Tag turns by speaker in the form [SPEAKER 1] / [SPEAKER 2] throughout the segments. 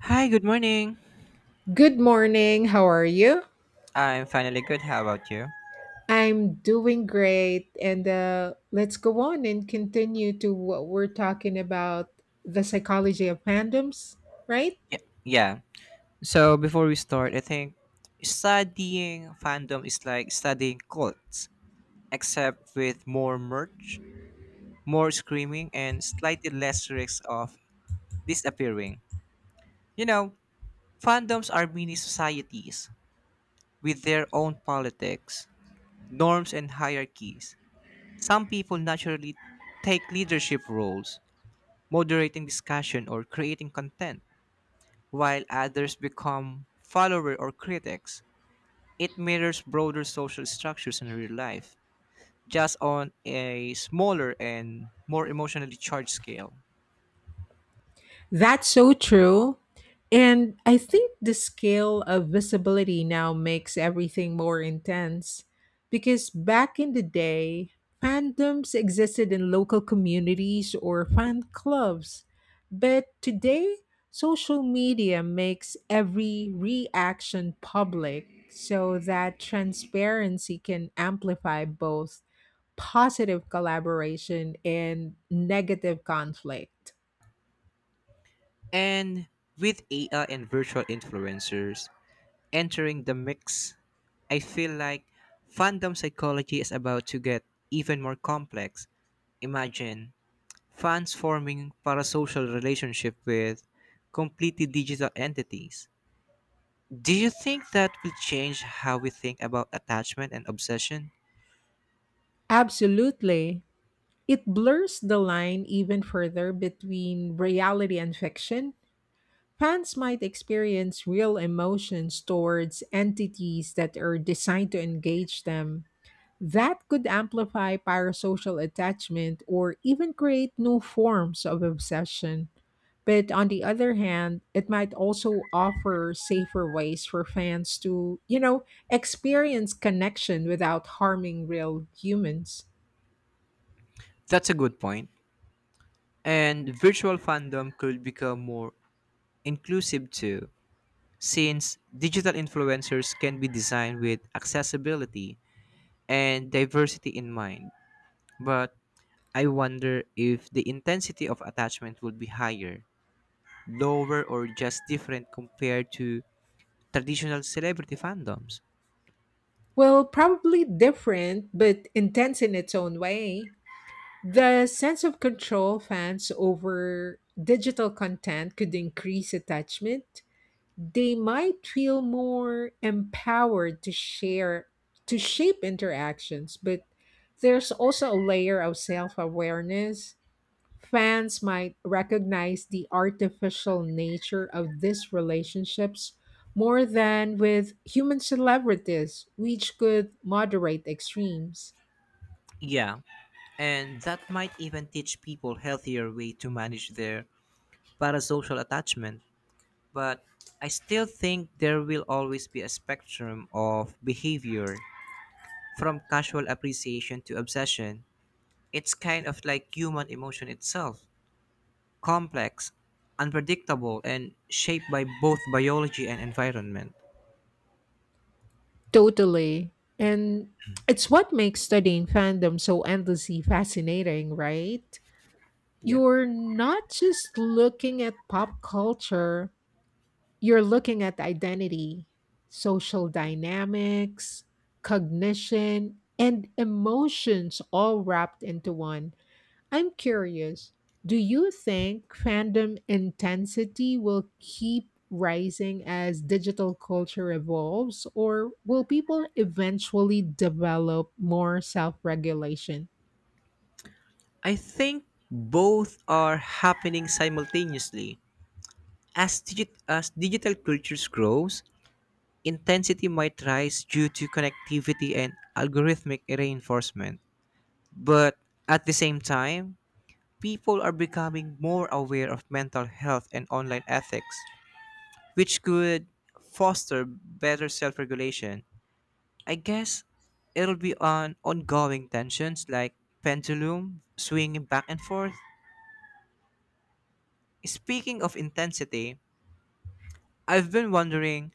[SPEAKER 1] Hi, good morning.
[SPEAKER 2] Good morning. How are you?
[SPEAKER 1] I'm finally good. How about you?
[SPEAKER 2] I'm doing great. And Let's go on and continue to what we're talking about, the psychology of fandoms, right?
[SPEAKER 1] Yeah. Yeah. So before we start, I think studying fandom is like studying cults, except with more merch, more screaming, and slightly less risks of disappearing. You know, fandoms are mini societies with their own politics, norms, and hierarchies. Some people naturally take leadership roles, moderating discussion or creating content. While others become followers or critics, it mirrors broader social structures in real life, just on a smaller and more emotionally charged scale.
[SPEAKER 2] That's so true. And I think the scale of visibility now makes everything more intense because back in the day, fandoms existed in local communities or fan clubs. But today, social media makes every reaction public so that transparency can amplify both positive collaboration and negative conflict.
[SPEAKER 1] And with AI and virtual influencers entering the mix, I feel like fandom psychology is about to get even more complex. Imagine fans forming parasocial relationship with completely digital entities. Do you think that will change how we think about attachment and obsession?
[SPEAKER 2] Absolutely. It blurs the line even further between reality and fiction. Fans might experience real emotions towards entities that are designed to engage them. That could amplify parasocial attachment or even create new forms of obsession. But on the other hand, it might also offer safer ways for fans to, you know, experience connection without harming real humans.
[SPEAKER 1] That's a good point. And virtual fandom could become more inclusive too, since digital influencers can be designed with accessibility and diversity in mind. But I wonder if the intensity of attachment would be higher, lower, or just different compared to traditional celebrity fandoms.
[SPEAKER 2] Well, probably different, but intense in its own way. The sense of control fans over digital content could increase attachment. They might feel more empowered to share, to shape interactions, but there's also a layer of self awareness. Fans might recognize the artificial nature of these relationships more than with human celebrities, which could moderate extremes.
[SPEAKER 1] Yeah, and that might even teach people healthier way to manage their parasocial attachment, but I still think there will always be a spectrum of behavior from casual appreciation to obsession. It's kind of like human emotion itself complex, unpredictable, and shaped by both biology and environment.
[SPEAKER 2] Totally. And it's what makes studying fandom so endlessly fascinating, right?
[SPEAKER 1] Yeah.
[SPEAKER 2] You're not just looking at pop culture, you're looking at identity, social dynamics, cognition, and emotions all wrapped into one. I'm curious, do you think fandom intensity will keep rising as digital culture evolves, or will people eventually develop more self regulation?
[SPEAKER 1] I think both are happening simultaneously. As digital cultures grows, intensity might rise due to connectivity and algorithmic reinforcement. But at the same time, people are becoming more aware of mental health and online ethics, which could foster better self regulation. I guess it'll be on ongoing tensions like pendulum swinging back and forth. Speaking of intensity, I've been wondering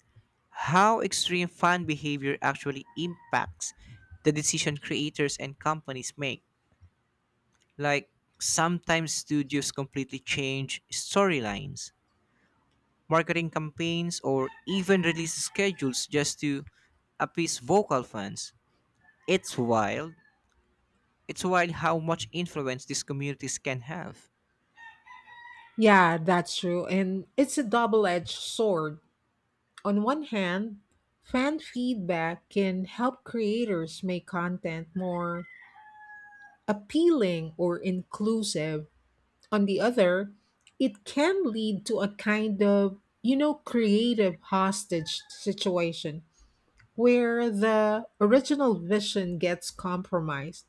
[SPEAKER 1] how extreme fan behavior actually impacts the decision creators and companies make. Like sometimes studios completely change storylines, marketing campaigns, or even release schedules just to appease vocal fans. It's wild. It's wild how much influence these communities can have.
[SPEAKER 2] Yeah, that's true. And it's a double edged sword. On one hand, fan feedback can help creators make content more appealing or inclusive. On the other, it can lead to a kind of, you know, creative hostage situation where the original vision gets compromised.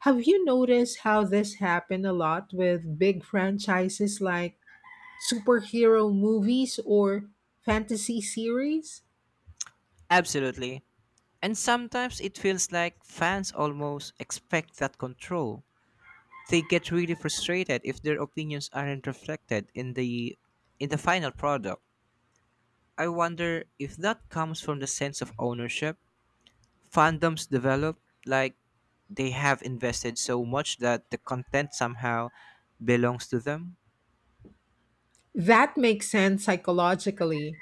[SPEAKER 2] Have you noticed how this happened a lot with big franchises like superhero movies or fantasy series?
[SPEAKER 1] Absolutely. And sometimes it feels like fans almost expect that control. They get really frustrated if their opinions aren't reflected in the final product. I wonder if that comes from the sense of ownership fandoms develop, like they have invested so much that the content somehow belongs to them.
[SPEAKER 2] That makes sense psychologically.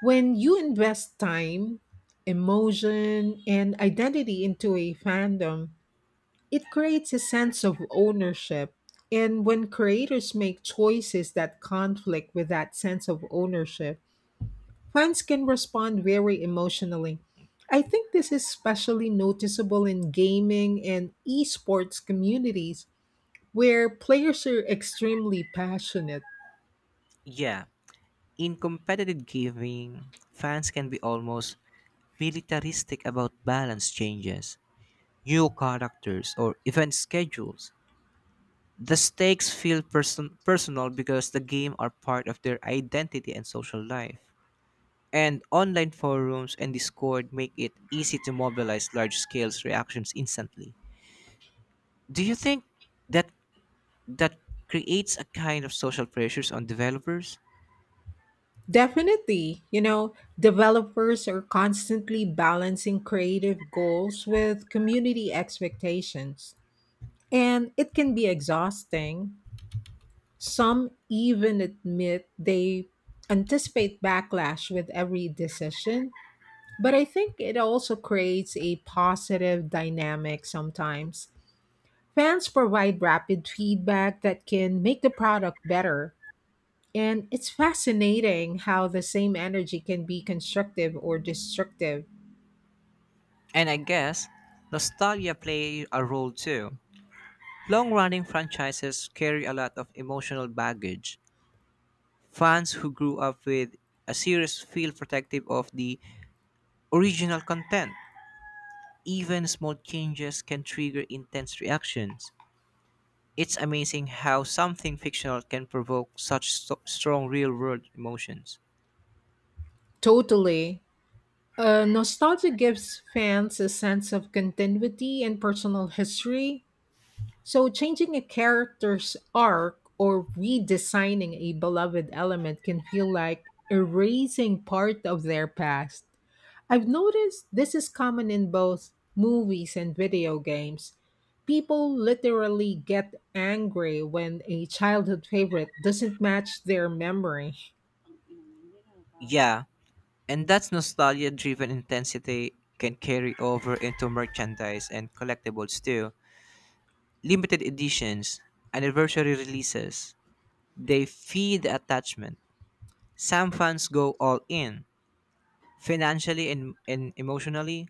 [SPEAKER 2] When you invest time, emotion, and identity into a fandom, it creates a sense of ownership. And when creators make choices that conflict with that sense of ownership, fans can respond very emotionally. I think this is especially noticeable in gaming and esports communities where players are extremely passionate.
[SPEAKER 1] Yeah, in competitive gaming, fans can be almost militaristic about balance changes, new characters, or event schedules. The stakes feel personal because the game are part of their identity and social life. And online forums and Discord make it easy to mobilize large scale reactions instantly. Do you think that that creates a kind of social pressures on developers?
[SPEAKER 2] Definitely. You know, developers are constantly balancing creative goals with community expectations, and it can be exhausting. Some even admit they anticipate backlash with every decision, but I think it also creates a positive dynamic sometimes. Fans provide rapid feedback that can make the product better, and it's fascinating how the same energy can be constructive or destructive.
[SPEAKER 1] And I guess nostalgia play a role too. Long-running franchises carry a lot of emotional baggage. Fans who grew up with a series feel protective of the original content. Even small changes can trigger intense reactions. It's amazing how something fictional can provoke such strong real-world emotions.
[SPEAKER 2] Totally. Nostalgia gives fans a sense of continuity and personal history. So, changing a character's arc or redesigning a beloved element can feel like erasing part of their past. I've noticed this is common in both movies and video games. People literally get angry when a childhood favorite doesn't match their memory.
[SPEAKER 1] Yeah, and that's nostalgia driven intensity can carry over into merchandise and collectibles too. Limited editions, anniversary releases, they feed the attachment. Some fans go all in, financially and emotionally,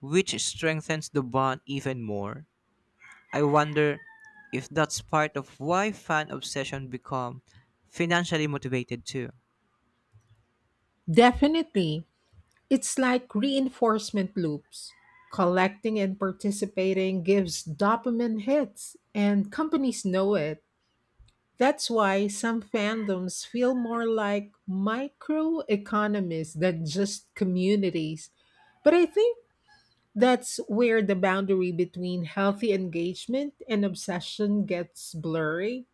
[SPEAKER 1] which strengthens the bond even more. I wonder if that's part of why fan obsession become financially motivated too.
[SPEAKER 2] Definitely, it's like reinforcement loops. Collecting and participating gives dopamine hits, and companies know it. That's why some fandoms feel more like microeconomies than just communities. But I think that's where the boundary between healthy engagement and obsession gets blurry.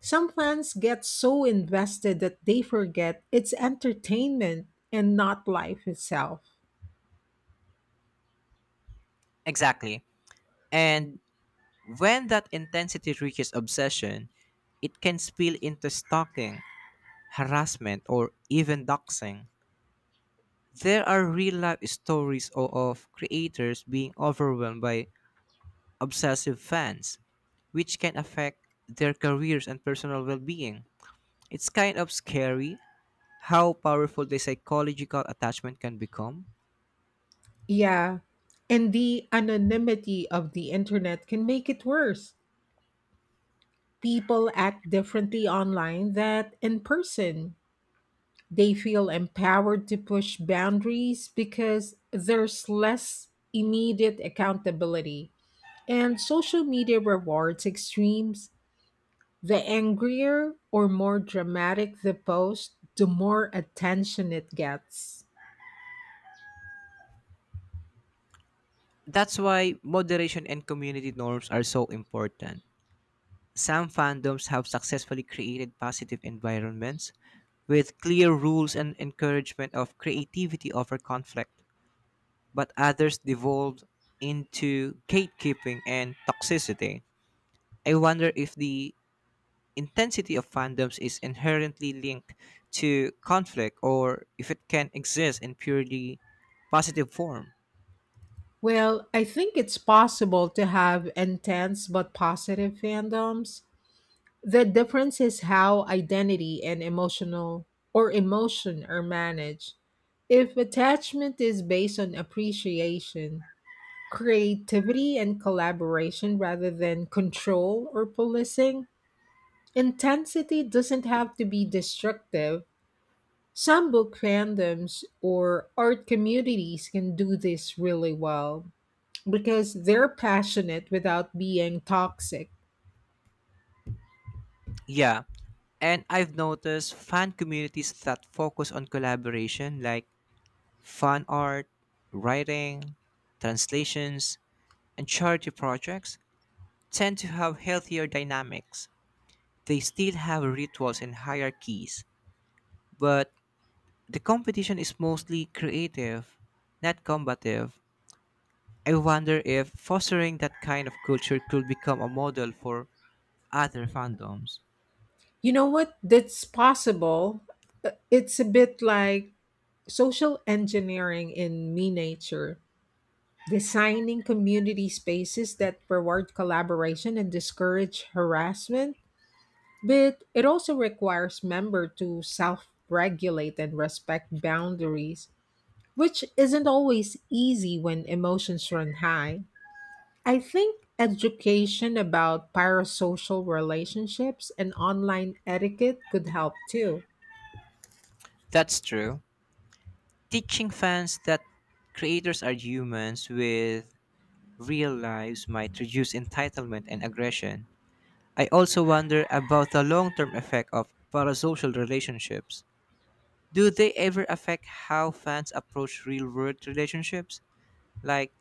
[SPEAKER 2] Some fans get so invested that they forget it's entertainment and not life itself.
[SPEAKER 1] Exactly. And when that intensity reaches obsession, it can spill into stalking, harassment, or even doxing. There are real life stories of creators being overwhelmed by obsessive fans, which can affect their careers and personal well being. It's kind of scary how powerful the psychological attachment can become.
[SPEAKER 2] Yeah, and the anonymity of the internet can make it worse. People act differently online than in person. They feel empowered to push boundaries because there's less immediate accountability. And social media rewards extremes. The angrier or more dramatic the post, the more attention it gets.
[SPEAKER 1] That's why moderation and community norms are so important. Some fandoms have successfully created positive environments with clear rules and encouragement of creativity over conflict, but others devolved into gatekeeping and toxicity. I wonder if the intensity of fandoms is inherently linked to conflict or if it can exist in purely positive form.
[SPEAKER 2] Well, I think it's possible to have intense but positive fandoms. The difference is how identity and emotional or emotion are managed. If attachment is based on appreciation, creativity, and collaboration rather than control or policing, intensity doesn't have to be destructive. Some book fandoms or art communities can do this really well because they're passionate without being toxic.
[SPEAKER 1] Yeah, and I've noticed fan communities that focus on collaboration, like fan art, writing, translations, and charity projects tend to have healthier dynamics. They still have rituals and hierarchies, but the competition is mostly creative, not combative. I wonder if fostering that kind of culture could become a model for other fandoms.
[SPEAKER 2] You know what? That's possible. It's a bit like social engineering in miniature, designing community spaces that reward collaboration and discourage harassment. But it also requires member to self regulate and respect boundaries, which isn't always easy when emotions run high. I think education about parasocial relationships and online etiquette could help too.
[SPEAKER 1] That's true. Teaching fans that creators are humans with real lives might reduce entitlement and aggression. I also wonder about the long term effect of parasocial relationships. Do they ever affect how fans approach real world relationships? Like,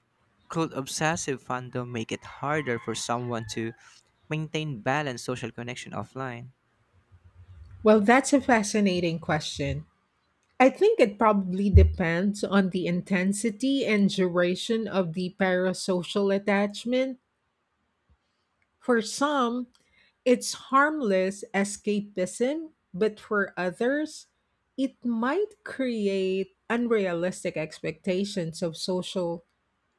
[SPEAKER 1] could obsessive fandom make it harder for someone to maintain balanced social connection offline?
[SPEAKER 2] Well, that's a fascinating question. I think it probably depends on the intensity and duration of the parasocial attachment. For some, it's harmless escapism, but for others, it might create unrealistic expectations of social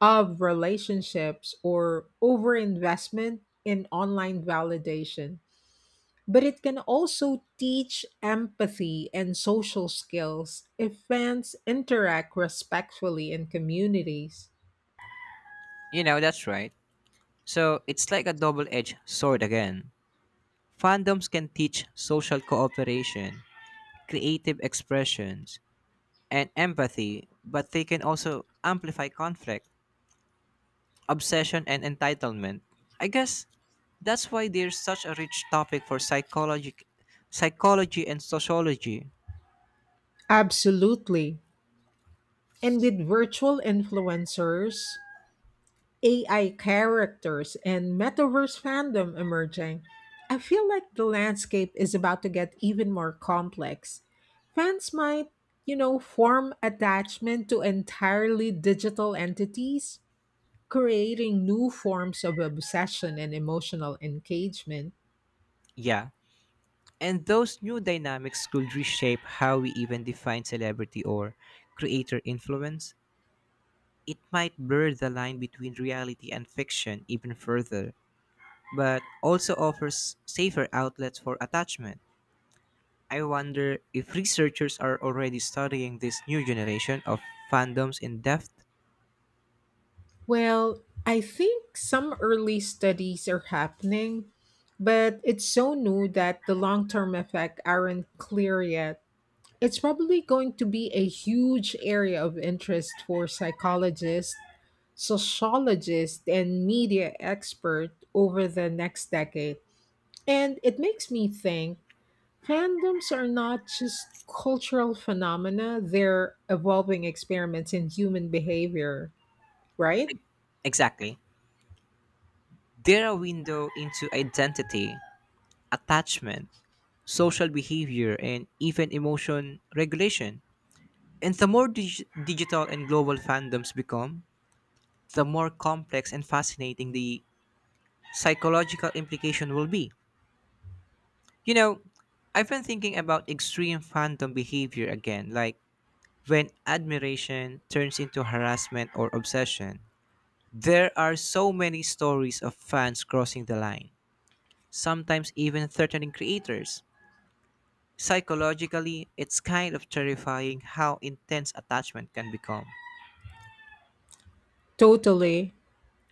[SPEAKER 2] of relationships or overinvestment in online validation. But it can also teach empathy and social skills if fans interact respectfully in communities.
[SPEAKER 1] You know, that's right. So, it's like a double edged sword again. Fandoms can teach social cooperation, creative expressions, and empathy, but they can also amplify conflict obsession and entitlement. I guess that's why there's such a rich topic for psychology, psychology and sociology.
[SPEAKER 2] Absolutely. And with virtual influencers, AI characters, and metaverse fandom emerging, I feel like the landscape is about to get even more complex. Fans might, you know, form attachment to entirely digital entities creating new forms of obsession and emotional engagement.
[SPEAKER 1] Yeah, and those new dynamics could reshape how we even define celebrity or creator influence. It might blur the line between reality and fiction even further, but also offers safer outlets for attachment. I wonder if researchers are already studying this new generation of fandoms in depth.
[SPEAKER 2] Well, I think some early studies are happening, but it's so new that the long term effects aren't clear yet. It's probably going to be a huge area of interest for psychologists, sociologists, and media experts over the next decade. And it makes me think fandoms are not just cultural phenomena, they're evolving experiments in human behavior, right?
[SPEAKER 1] Exactly. They're a window into identity, attachment, social behavior, and even emotion regulation. And the more digital and global fandoms become, the more complex and fascinating the psychological implication will be. You know, I've been thinking about extreme fandom behavior again, like when admiration turns into harassment or obsession. There are so many stories of fans crossing the line, sometimes even threatening creators. Psychologically, it's kind of terrifying how intense attachment can become.
[SPEAKER 2] Totally.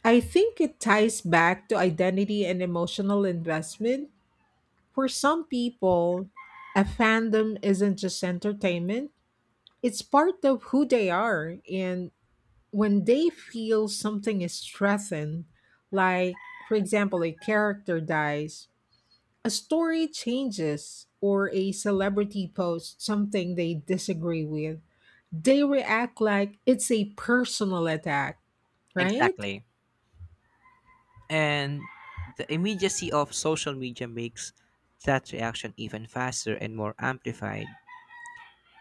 [SPEAKER 2] I think it ties back to identity and emotional investment. For some people, a fandom isn't just entertainment. It's part of who they are. And when they feel something is threatened, like, for example, a character dies, a story changes, or a celebrity posts something they disagree with, they react like it's a personal attack, right?
[SPEAKER 1] Exactly. And the immediacy of social media makes that reaction even faster and more amplified.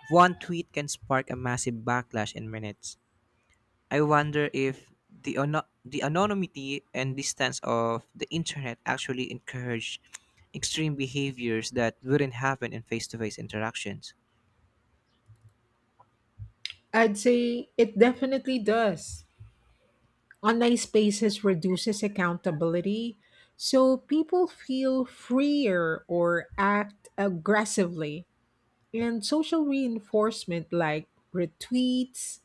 [SPEAKER 1] One tweet can spark a massive backlash in minutes. I wonder if the anonymity and distance of the internet actually encourage extreme behaviors that wouldn't happen in face-to-face interactions.
[SPEAKER 2] I'd say it definitely does. Online spaces reduces accountability, so people feel freer or act aggressively. And social reinforcement like retweets,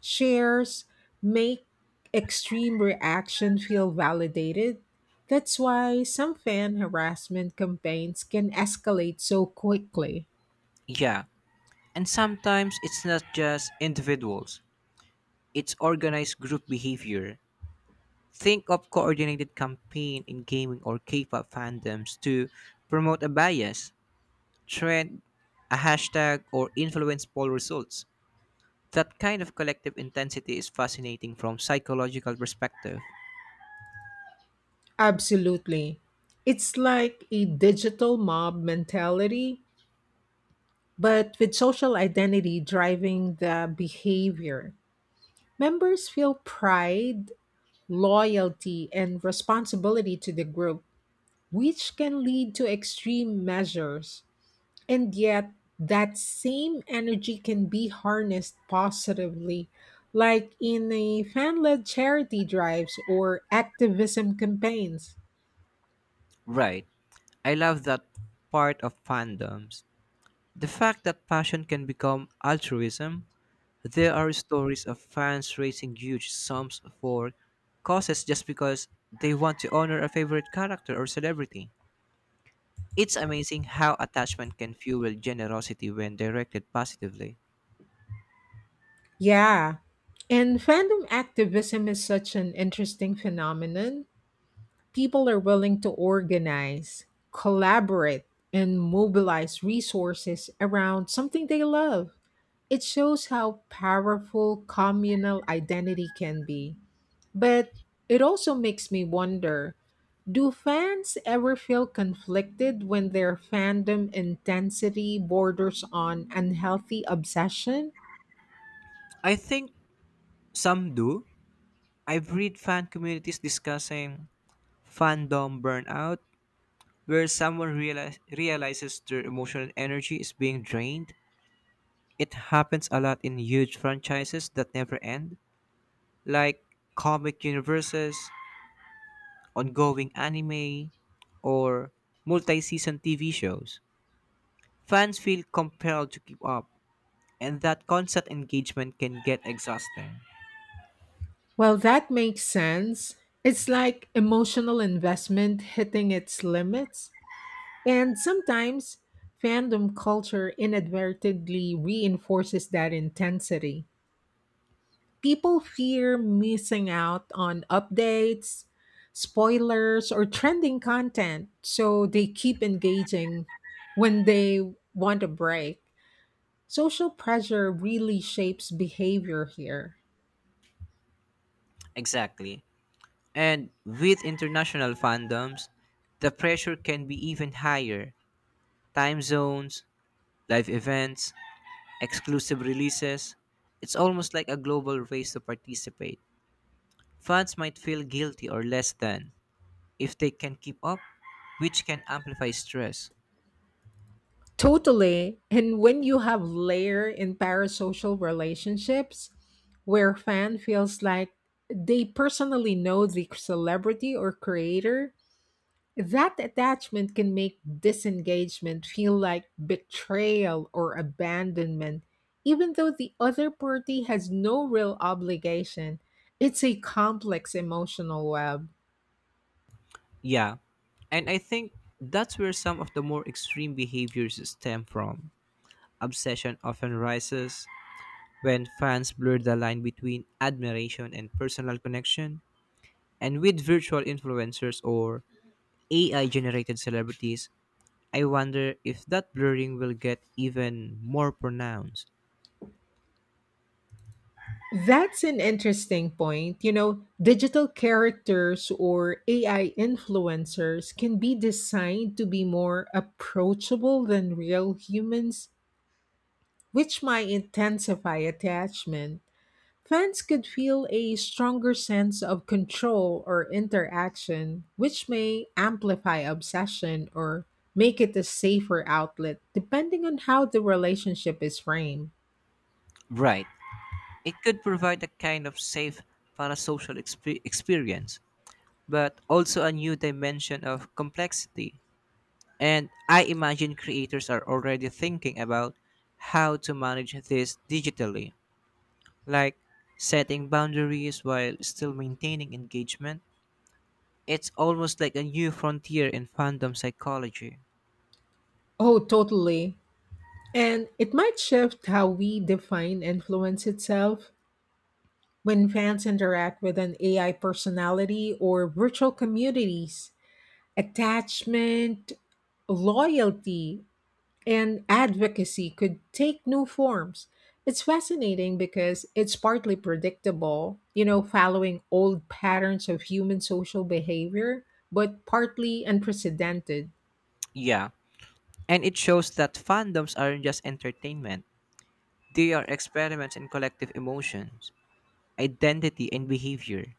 [SPEAKER 2] shares, make extreme reaction feel validated. That's why some fan harassment campaigns can escalate so quickly.
[SPEAKER 1] Yeah. And sometimes it's not just individuals. It's organized group behavior. Think of coordinated campaign in gaming or K-pop fandoms to promote a bias, trend, a hashtag, or influence poll results. That kind of collective intensity is fascinating from psychological perspective.
[SPEAKER 2] Absolutely. It's like a digital mob mentality, but with social identity driving the behavior. Members feel pride, loyalty, and responsibility to the group, which can lead to extreme measures. And yet, that same energy can be harnessed positively, like in a fan led charity drives or activism campaigns.
[SPEAKER 1] Right. I love that part of fandoms. The fact that passion can become altruism, there are stories of fans raising huge sums for causes just because they want to honor a favorite character or celebrity. It's amazing how attachment can fuel generosity when directed positively.
[SPEAKER 2] Yeah. And fandom activism is such an interesting phenomenon. People are willing to organize, collaborate, and mobilize resources around something they love. It shows how powerful communal identity can be. But it also makes me wonder, do fans ever feel conflicted when their fandom intensity borders on unhealthy obsession?
[SPEAKER 1] I think some do. I've read fan communities discussing fandom burnout, where someone realizes their emotional energy is being drained. It happens a lot in huge franchises that never end. Like comic universes, ongoing anime, or multi season TV shows. Fans feel compelled to keep up, and that constant engagement can get exhausting.
[SPEAKER 2] Well, that makes sense. It's like emotional investment hitting its limits. And sometimes fandom culture inadvertently reinforces that intensity. People fear missing out on updates, spoilers, or trending content, so they keep engaging when they want a break. Social pressure really shapes behavior here.
[SPEAKER 1] Exactly. And with international fandoms, the pressure can be even higher. Time zones, live events, exclusive releases. It's almost like a global race to participate. Fans might feel guilty or less than if they can keep up, which can amplify stress.
[SPEAKER 2] Totally. And when you have layer in parasocial relationships where fan feels like they personally know the celebrity or creator, that attachment can make disengagement feel like betrayal or abandonment, even though the other party has no real obligation. It's a complex emotional web.
[SPEAKER 1] Yeah, and I think that's where some of the more extreme behaviors stem from. Obsession often rises when fans blur the line between admiration and personal connection. And with virtual influencers or AI generated celebrities, I wonder if that blurring will get even more pronounced.
[SPEAKER 2] That's an interesting point. You know, digital characters or AI influencers can be designed to be more approachable than real humans, which might intensify attachment. Fans could feel a stronger sense of control or interaction, which may amplify obsession or make it a safer outlet, depending on how the relationship is framed.
[SPEAKER 1] Right. It could provide a kind of safe parasocial experience, but also a new dimension of complexity. And I imagine creators are already thinking about how to manage this digitally, like setting boundaries while still maintaining engagement. It's almost like a new frontier in fandom psychology.
[SPEAKER 2] Oh, totally. And it might shift how we define influence itself when fans interact with an AI personality or virtual communities. Attachment, loyalty, and advocacy could take new forms. It's fascinating because it's partly predictable, you know, following old patterns of human social behavior, but partly unprecedented.
[SPEAKER 1] Yeah, and it shows that fandoms aren't just entertainment, they are experiments in collective emotions, identity, and behavior.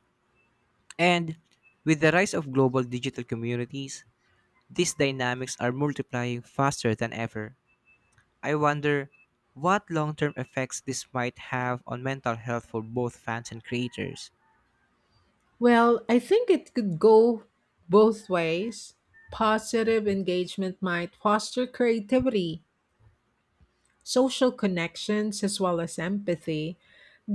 [SPEAKER 1] And with the rise of global digital communities, these dynamics are multiplying faster than ever. I wonder what long term effects this might have on mental health for both fans and creators.
[SPEAKER 2] Well, I think it could go both ways. Positive engagement might foster creativity, social connections as well as empathy.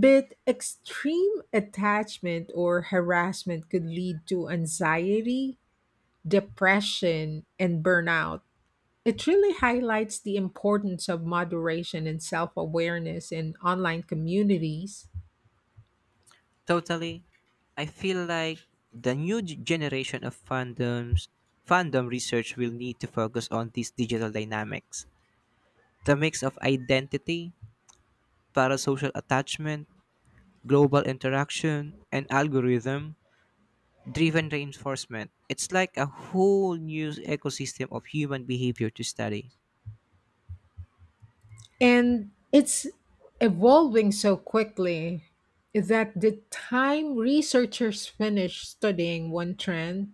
[SPEAKER 2] But extreme attachment or harassment could lead to anxiety, depression, and burnout. It really highlights the importance of moderation and self awareness in online communities.
[SPEAKER 1] Totally, I feel like the new generation of fandoms fandom research will need to focus on these digital dynamics. The mix of identity, parasocial attachment, global interaction, and algorithm driven reinforcement. It's like a whole new ecosystem of human behavior to study.
[SPEAKER 2] And it's evolving so quickly that the time researchers finish studying one trend,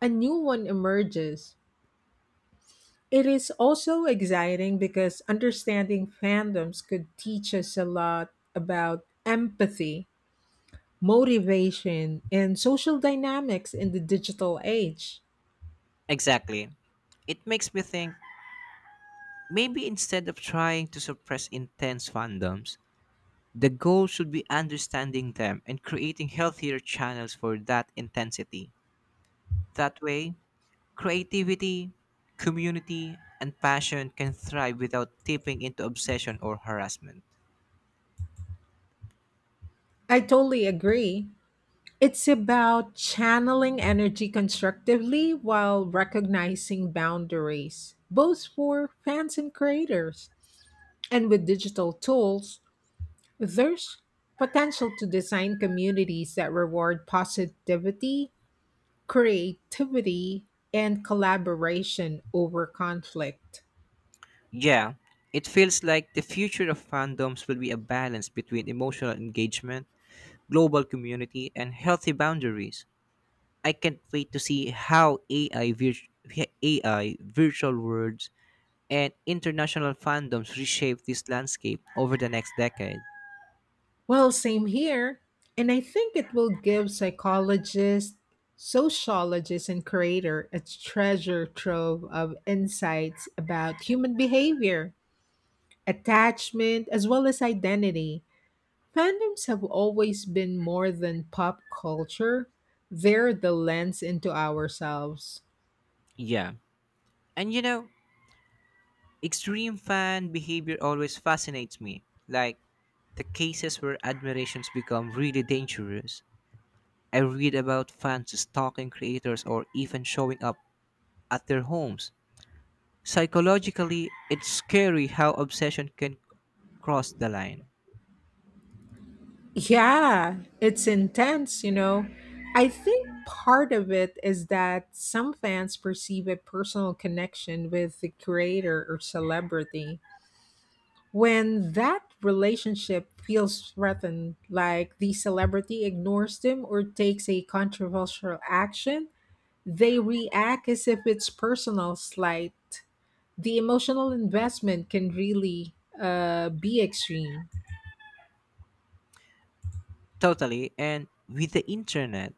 [SPEAKER 2] a new one emerges. It is also exciting because understanding fandoms could teach us a lot about empathy, motivation, and social dynamics in the digital age.
[SPEAKER 1] Exactly. It makes me think maybe instead of trying to suppress intense fandoms, the goal should be understanding them and creating healthier channels for that intensity. That way, creativity, community, and passion can thrive without tipping into obsession or harassment.
[SPEAKER 2] I totally agree. It's about channeling energy constructively while recognizing boundaries, both for fans and creators. And with digital tools, there's potential to design communities that reward positivity, creativity, and collaboration over conflict.
[SPEAKER 1] Yeah, it feels like the future of fandoms will be a balance between emotional engagement, global community, and healthy boundaries. I can't wait to see how AI, virtual worlds, and international fandoms reshape this landscape over the next decade.
[SPEAKER 2] Well, same here. And I think it will give psychologists, sociologists, and creators a treasure trove of insights about human behavior, attachment, as well as identity. Fandoms have always been more than pop culture. They're the lens into ourselves.
[SPEAKER 1] Yeah. And you know, extreme fan behavior always fascinates me. Like the cases where admirations become really dangerous. I read about fans stalking creators or even showing up at their homes. Psychologically, it's scary how obsession can cross the line.
[SPEAKER 2] Yeah, it's intense, you know. I think part of it is that some fans perceive a personal connection with the creator or celebrity. When that relationship feels threatened, like the celebrity ignores them or takes a controversial action, they react as if it's personal slight. The emotional investment can really be extreme.
[SPEAKER 1] Totally. And with the internet,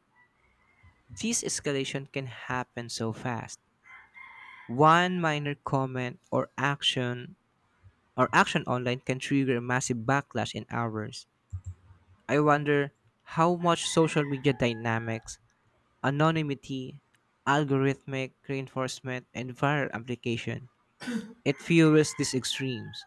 [SPEAKER 1] this escalation can happen so fast. One minor comment or action online can trigger a massive backlash in hours. I wonder how much social media dynamics, anonymity, algorithmic reinforcement, and viral application. It fuels these extremes.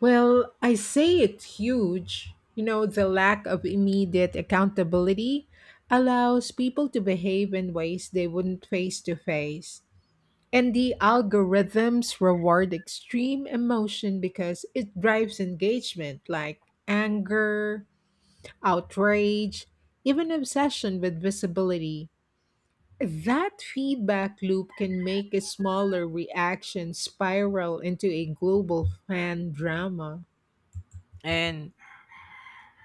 [SPEAKER 2] Well, I say it's huge. You know, the lack of immediate accountability allows people to behave in ways they wouldn't face to face. And the algorithms reward extreme emotion because it drives engagement like anger, outrage, even obsession with visibility. That feedback loop can make a smaller reaction spiral into a global fan drama.
[SPEAKER 1] And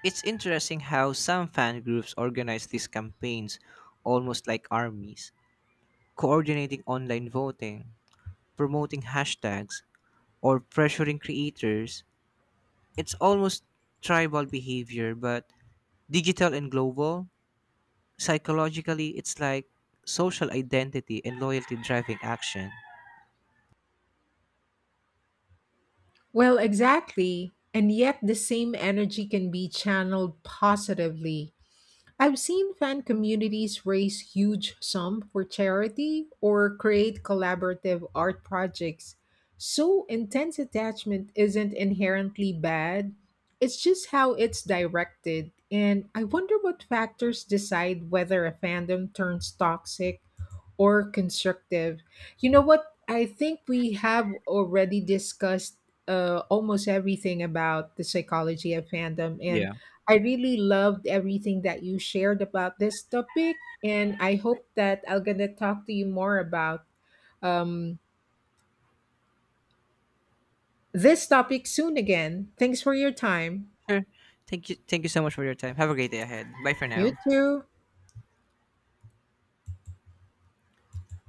[SPEAKER 1] it's interesting how some fan groups organize these campaigns almost like armies coordinating online voting, promoting hashtags, or pressuring creators, it's almost tribal behavior, but digital and global, psychologically, it's like social identity and loyalty driving action.
[SPEAKER 2] Well, exactly. And yet the same energy can be channeled positively. I've seen fan communities raise huge sums for charity or create collaborative art projects. So intense attachment isn't inherently bad. It's just how it's directed. And I wonder what factors decide whether a fandom turns toxic or constructive. You know what? I think we have already discussed almost everything about the psychology of fandom, and
[SPEAKER 1] Yeah.
[SPEAKER 2] I really loved everything that you shared about this topic, and I hope that I am gonna talk to you more about um, this topic soon again. Thanks for your time.
[SPEAKER 1] Sure. Thank you. Thank you so much for your time. Have a great day ahead. Bye for
[SPEAKER 2] You
[SPEAKER 1] now.
[SPEAKER 2] too.